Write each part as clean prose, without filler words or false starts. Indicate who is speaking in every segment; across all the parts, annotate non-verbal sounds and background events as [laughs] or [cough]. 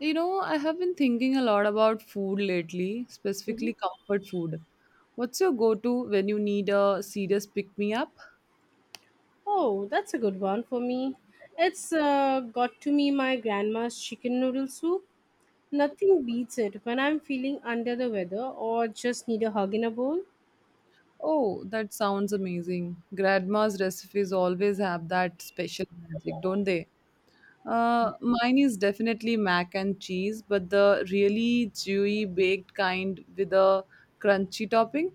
Speaker 1: You know, I have been thinking a lot about food lately,
Speaker 2: Mhm.
Speaker 1: specifically comfort food. What's your go to when you need a serious pick me up?
Speaker 2: Oh, that's a good one for me. It's got to me my grandma's chicken noodle soup. Nothing beats it when I'm feeling under the weather or just need a hug in a bowl.
Speaker 1: Oh, that sounds amazing. Grandma's recipes always have that special magic, don't they? Mine is definitely mac and cheese, but the really chewy baked kind with a crunchy topping.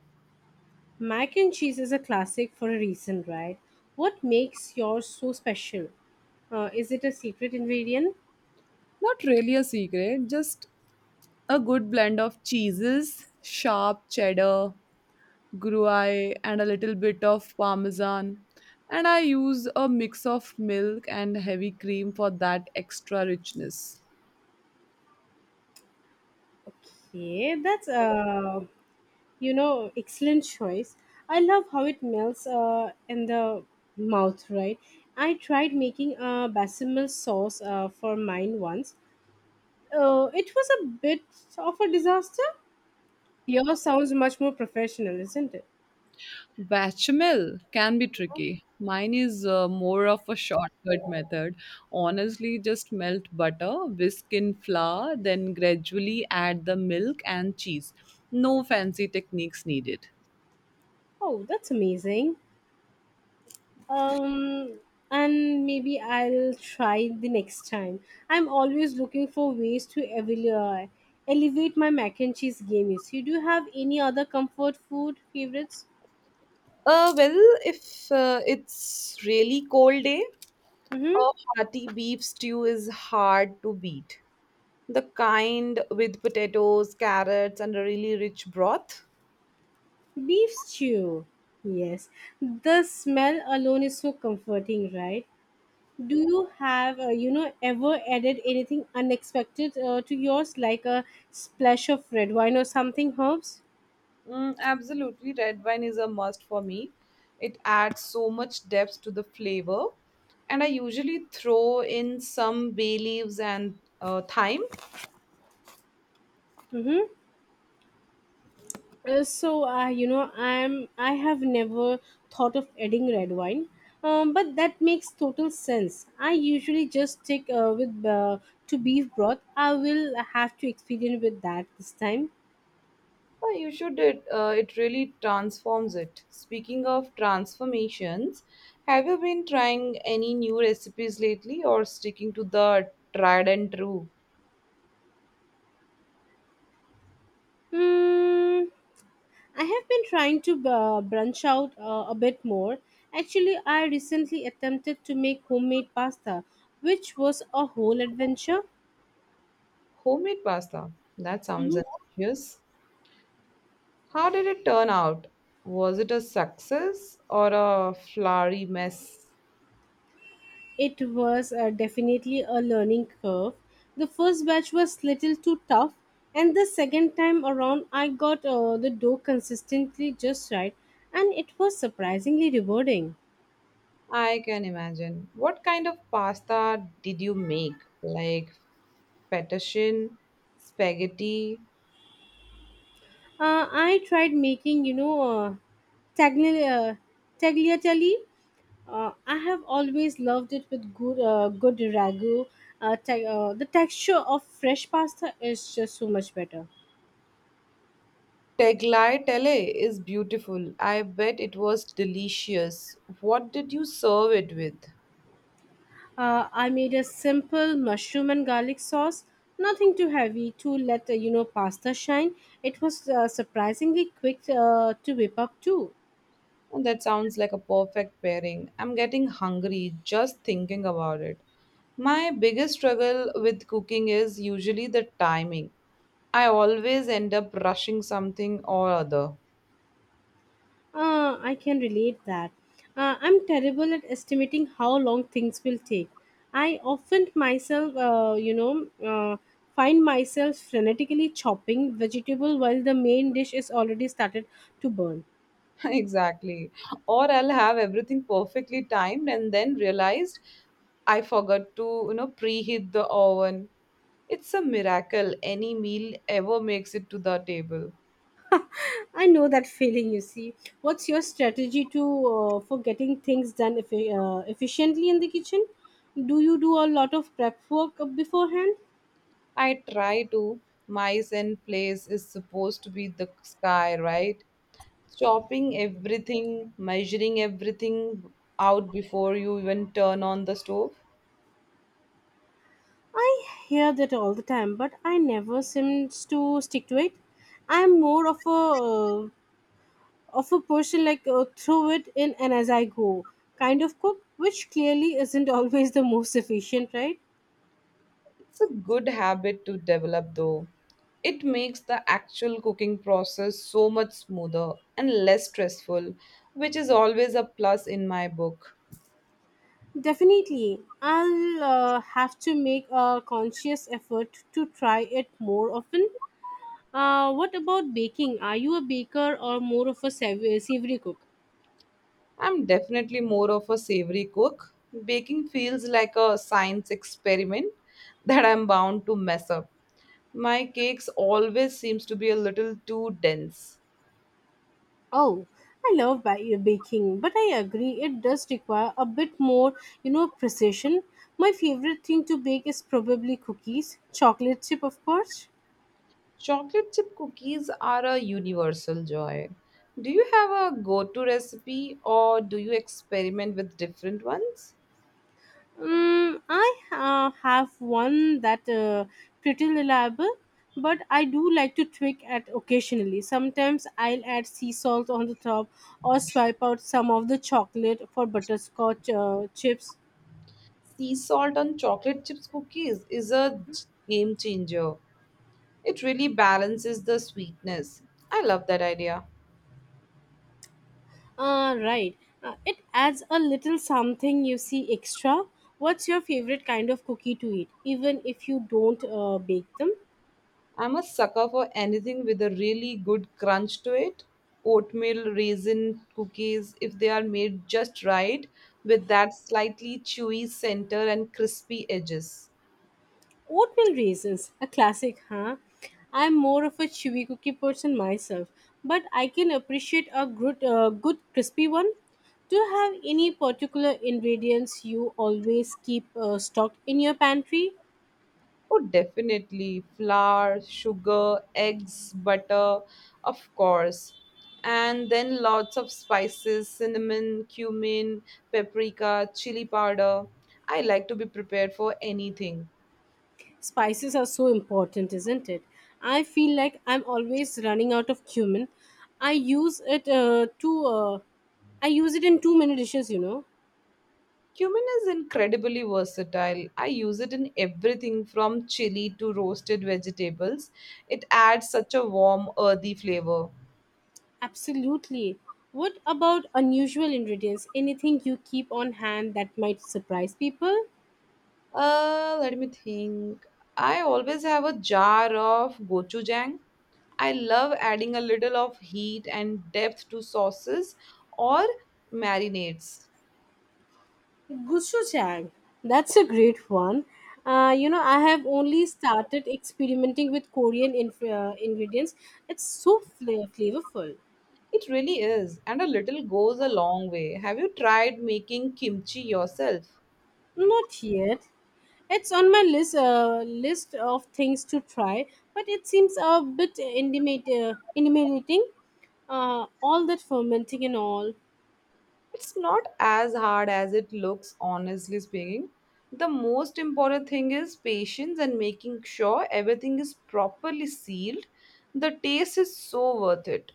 Speaker 2: Mac and cheese is a classic for a reason, right? What makes yours so special? Is it a secret ingredient?
Speaker 1: Not really a secret, just a good blend of cheeses, sharp cheddar, gruyere and a little bit of parmesan and I use a mix of milk and heavy cream for that extra richness.
Speaker 2: Okay, that's excellent choice. I love how it melts in the mouth, right? I tried making a basil sauce for mine once. It was a bit of a disaster. Yours sounds much more professional, isn't it?
Speaker 1: Bechamel can be tricky. Mine is more of a shortcut method. Honestly, just melt butter, whisk in flour, then gradually add the milk and cheese. No fancy techniques needed.
Speaker 2: Oh, that's amazing. um and maybe I'll try the next time. I'm always looking for ways to elevate my mac and cheese game. So, do you have any other comfort food favorites?
Speaker 1: Well, if it's really cold day, a
Speaker 2: Mm-hmm.
Speaker 1: hearty beef stew is hard to beat. The kind with potatoes, carrots, and a really rich broth.
Speaker 2: Beef stew. Yes. The smell alone is so comforting, right? Do you have, ever added anything unexpected to yours, like a splash of red wine or something herbs?
Speaker 1: Mm, absolutely, red wine is a must for me. It adds so much depth to the flavor. And I usually throw in some bay leaves and thyme.
Speaker 2: Mm-hmm. I have never thought of adding red wine, but that makes total sense. I usually just stick with to beef broth. I will have to experiment with that this time.
Speaker 1: You should it. It really transforms it. Speaking of transformations, have you been trying any new recipes lately, or sticking to the tried and true?
Speaker 2: mm, I have been trying to branch out a bit more. Actually, I recently attempted to make homemade pasta, which was a whole adventure.
Speaker 1: Homemade pasta? That sounds
Speaker 2: Mhm.
Speaker 1: delicious. How did it turn out? Was it a success or a flowery mess?
Speaker 2: It was definitely a learning curve. The first batch was little too tough, and the second time around, I got the dough consistently just right, and it was surprisingly rewarding.
Speaker 1: I can imagine. What kind of pasta did you make? Like fettuccine, spaghetti?
Speaker 2: I tried making, tagli- uh, tagliatelle. I have always loved it with good, good ragu. The texture of fresh pasta is just so much better.
Speaker 1: Tagliatelle is beautiful. I bet it was delicious. What did you serve it with?
Speaker 2: I made a simple mushroom and garlic sauce, nothing too heavy to let pasta shine. It was surprisingly quick to whip up too.
Speaker 1: And that sounds like a perfect pairing. I'm getting hungry just thinking about it. My biggest struggle with cooking is usually the timing. I always end up rushing something or other.
Speaker 2: I can relate that. I'm terrible at estimating how long things will take. I often find myself frenetically chopping vegetable while the main dish is already started to burn.
Speaker 1: [laughs] Exactly. Or I'll have everything perfectly timed and then realized I forgot to, preheat the oven. It's a miracle any meal ever makes it to the table.
Speaker 2: I know that [laughs] feeling. You see, what's your strategy to for getting things done efficiently in the kitchen? Do you do a lot of prep work beforehand?
Speaker 1: I try to. Mice and place is supposed to be the sky, right? Chopping everything, measuring everything out before you even turn on the stove.
Speaker 2: I hear that all the time, but I never seems to stick to it. I'm more of a person like throw it in and as I go kind of cook, which clearly isn't [laughs] always the most efficient, right?
Speaker 1: It's a good habit to develop, though. It makes the actual cooking process so much smoother and less stressful, which is always a plus in my book.
Speaker 2: Definitely, I'll have to make a conscious effort to try it more often. What about baking? Are you a baker or more of a savory cook?
Speaker 1: I'm definitely more of a savory cook. Baking feels like a science experiment [laughs] that I'm bound to mess up. My cakes always seems to be a little too dense.
Speaker 2: Oh, I love baking, but I agree it does require a bit more, you know, precision. My favorite thing to bake is probably cookies, chocolate chip, of course.
Speaker 1: Chocolate chip cookies are a universal joy. Do you have a go-to recipe or do you experiment with different ones?
Speaker 2: I have one that pretty reliable, but I do like to tweak it occasionally. Sometimes I'll add sea salt on the top or swipe out some of the chocolate for butterscotch chips.
Speaker 1: Sea salt on chocolate chips cookies is a game changer. It really balances the sweetness. I love that idea.
Speaker 2: Right. It adds a little something you see extra. What's your favorite kind of cookie to eat, even if you don't bake them?
Speaker 1: I'm a sucker for anything with a really good crunch to it. Oatmeal, raisin, cookies, if they are made just right, with that slightly chewy center and crispy edges.
Speaker 2: Oatmeal raisins, a classic, huh? I'm more of a chewy cookie person myself, but I can appreciate a good, good crispy one. Do you have any particular ingredients you always keep stocked in your pantry?
Speaker 1: Oh, definitely. Flour, sugar, eggs, butter, of course. And then lots of spices: cinnamon, cumin, paprika, chili powder. I like to be prepared for anything.
Speaker 2: Spices are so important, isn't it? I feel like I'm always running out of cumin. I use it uh, to uh, I use it in too many dishes, you know.
Speaker 1: Cumin is incredibly versatile. I use it in everything from chili to roasted vegetables. It adds such a warm, earthy flavor.
Speaker 2: Absolutely. What about unusual ingredients? Anything you keep on hand that might surprise people?
Speaker 1: Let me think. I always have a jar of gochujang. I love adding a little of heat and depth to sauces or marinades.
Speaker 2: Gochujang. That's a great one. You know, I have only started experimenting with Korean ingredients. It's so flavorful.
Speaker 1: It really is, and a little goes a long way. Have you tried making kimchi yourself?
Speaker 2: Not yet. It's on my list of things to try, but it seems a bit intimidating. All that fermenting and all.
Speaker 1: It's not as hard as it looks, honestly speaking. The most important thing is patience and making sure everything is properly sealed. The taste is so worth it.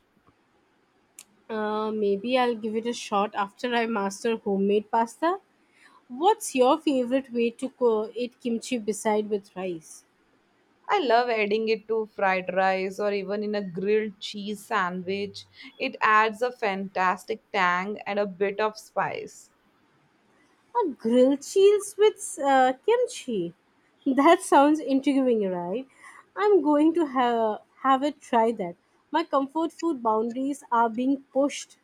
Speaker 2: Maybe I'll give it a shot after I master homemade pasta. What's your favorite way to eat kimchi beside with rice?
Speaker 1: I love adding it to fried rice or even in a grilled cheese sandwich. It adds a fantastic tang and a bit of spice.
Speaker 2: A grilled cheese with kimchi. That sounds intriguing, right? I'm going to have it try that. My comfort food boundaries are being pushed.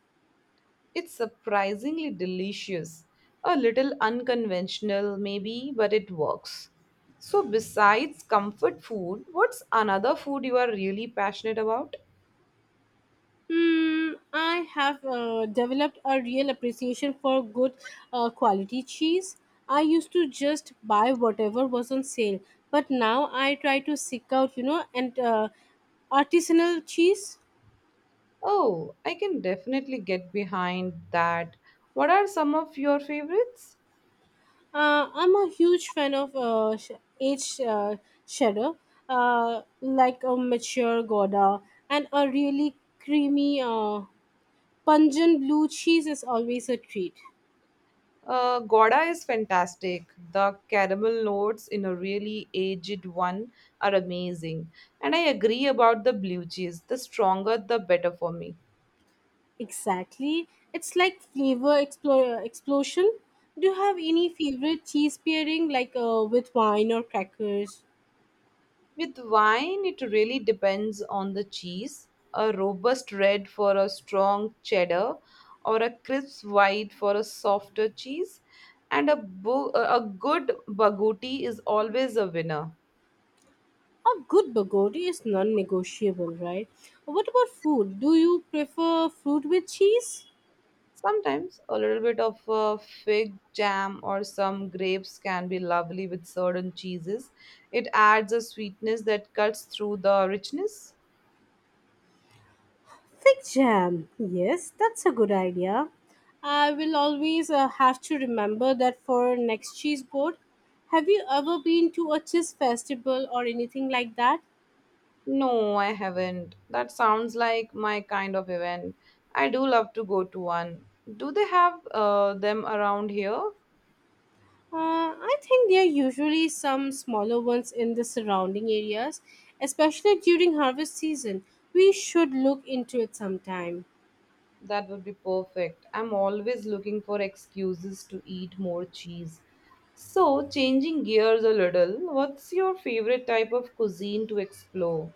Speaker 1: It's surprisingly delicious. A little unconventional, maybe, but it works. So, besides comfort food, what's another food you are really passionate about?
Speaker 2: I have developed a real appreciation for good quality cheese. I used to just buy whatever was on sale, but now I try to seek out, you know, and artisanal cheese.
Speaker 1: Oh, I can definitely get behind that. What are some of your favorites?
Speaker 2: I'm a huge fan of sh- H. Shadow, like a mature Gouda, and a really creamy, pungent blue cheese is always a treat.
Speaker 1: Gouda is fantastic. The caramel notes in a really aged one are amazing. And I agree about the blue cheese. The stronger, the better for me.
Speaker 2: Exactly. It's like flavor explosion. Do you have any favorite cheese pairing, like with wine or crackers?
Speaker 1: With wine, it really depends on the cheese. A robust red for a strong cheddar, or a crisp white for a softer cheese, and a good baguti is always a winner.
Speaker 2: A good bagodi is non negotiable, right? What about food? Do you prefer fruit with cheese?
Speaker 1: Sometimes a little bit of a fig jam or some grapes can be lovely with certain cheeses. It adds a sweetness that cuts through the richness.
Speaker 2: Fig jam. Yes, that's a good idea. I will always have to remember that for next cheese board. Have you ever been to a cheese festival or anything like that?
Speaker 1: No, I haven't. That sounds like my kind of event. I do love to go to one. Do they have them around here?
Speaker 2: I think there are usually some smaller ones in the surrounding areas, especially during harvest season. We should look into it sometime.
Speaker 1: That would be perfect. I'm always looking for excuses to eat more cheese. So, changing gears a little, what's your favorite type of cuisine to explore?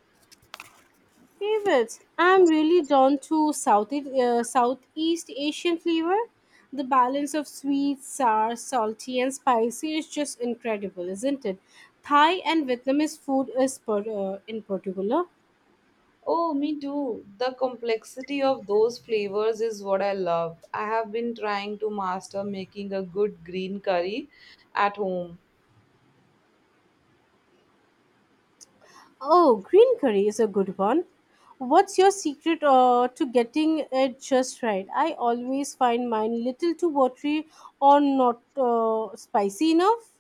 Speaker 2: Favorites. I'm really drawn to Southeast Asian flavor. The balance of sweet, sour, salty, and spicy is just incredible, isn't it? Thai and Vietnamese food is in particular.
Speaker 1: Oh, me too. The complexity of those flavors is what I love. I have been trying to master making a good green curry at home.
Speaker 2: Oh, green curry is a good one. What's your secret to getting it just right? I always find mine little too watery or not spicy enough.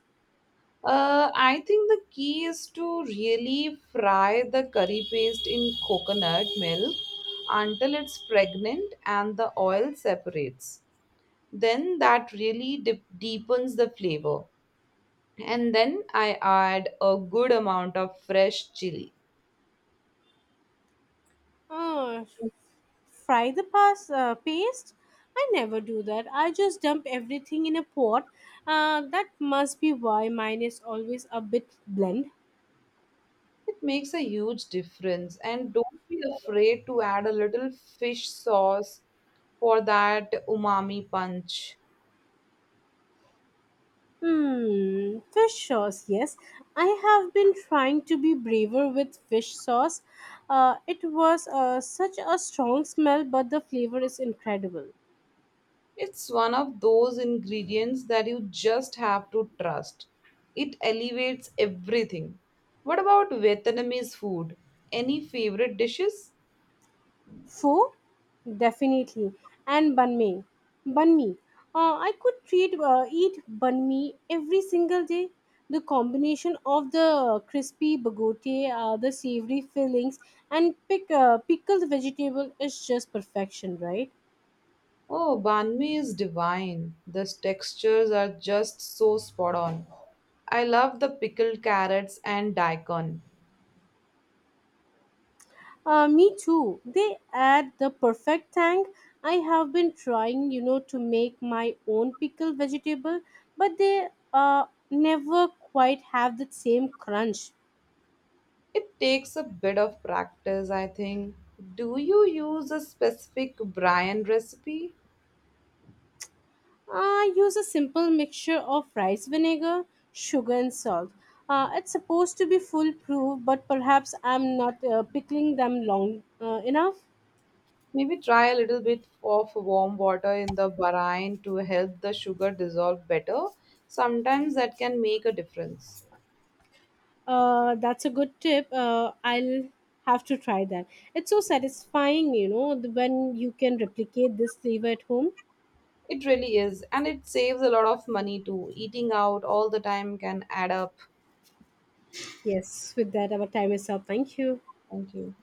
Speaker 1: I think the key is to really fry the curry paste in coconut milk until it's pregnant and the oil separates. Then that deepens the flavor. And then I add a good amount of fresh chili.
Speaker 2: Uh, Fry the paste? I never do that. I just dump everything in a pot. That must be why mine is always a bit bland.
Speaker 1: It makes a huge difference. And don't be afraid to add a little fish sauce for that umami punch.
Speaker 2: Hmm, fish sauce, yes. I have been trying to be braver with fish sauce. It was such a strong smell, but the flavor is incredible.
Speaker 1: It's one of those ingredients that you just have to trust. It elevates everything. What about Vietnamese food? Any favorite dishes?
Speaker 2: Pho, definitely, and banh mi. Banh mi. I could eat banh mi every single day. The combination of the crispy bagote, the savory fillings, and pickled vegetable is just perfection, right?
Speaker 1: Oh, banh mi is divine. The textures are just so spot on. I love the pickled carrots and daikon.
Speaker 2: Me too. They add the perfect tang. I have been trying, you know, to make my own pickled vegetable, but they never quite have the same crunch.
Speaker 1: It takes a bit of practice, I think. Do you use a specific Brian recipe?
Speaker 2: I use a simple mixture of rice vinegar, sugar, and salt. It's supposed to be foolproof, but perhaps I'm not pickling them long enough.
Speaker 1: Maybe try a little bit of warm water in the brine to help the sugar dissolve better. Sometimes that can make a difference.
Speaker 2: That's a good tip. I'll have to try that. It's so satisfying, you know, when you can replicate this flavor at home.
Speaker 1: It really is, and it saves a lot of money too. Eating out all the time can add up.
Speaker 2: Yes, with that, our time is up. Thank you.
Speaker 1: Thank you.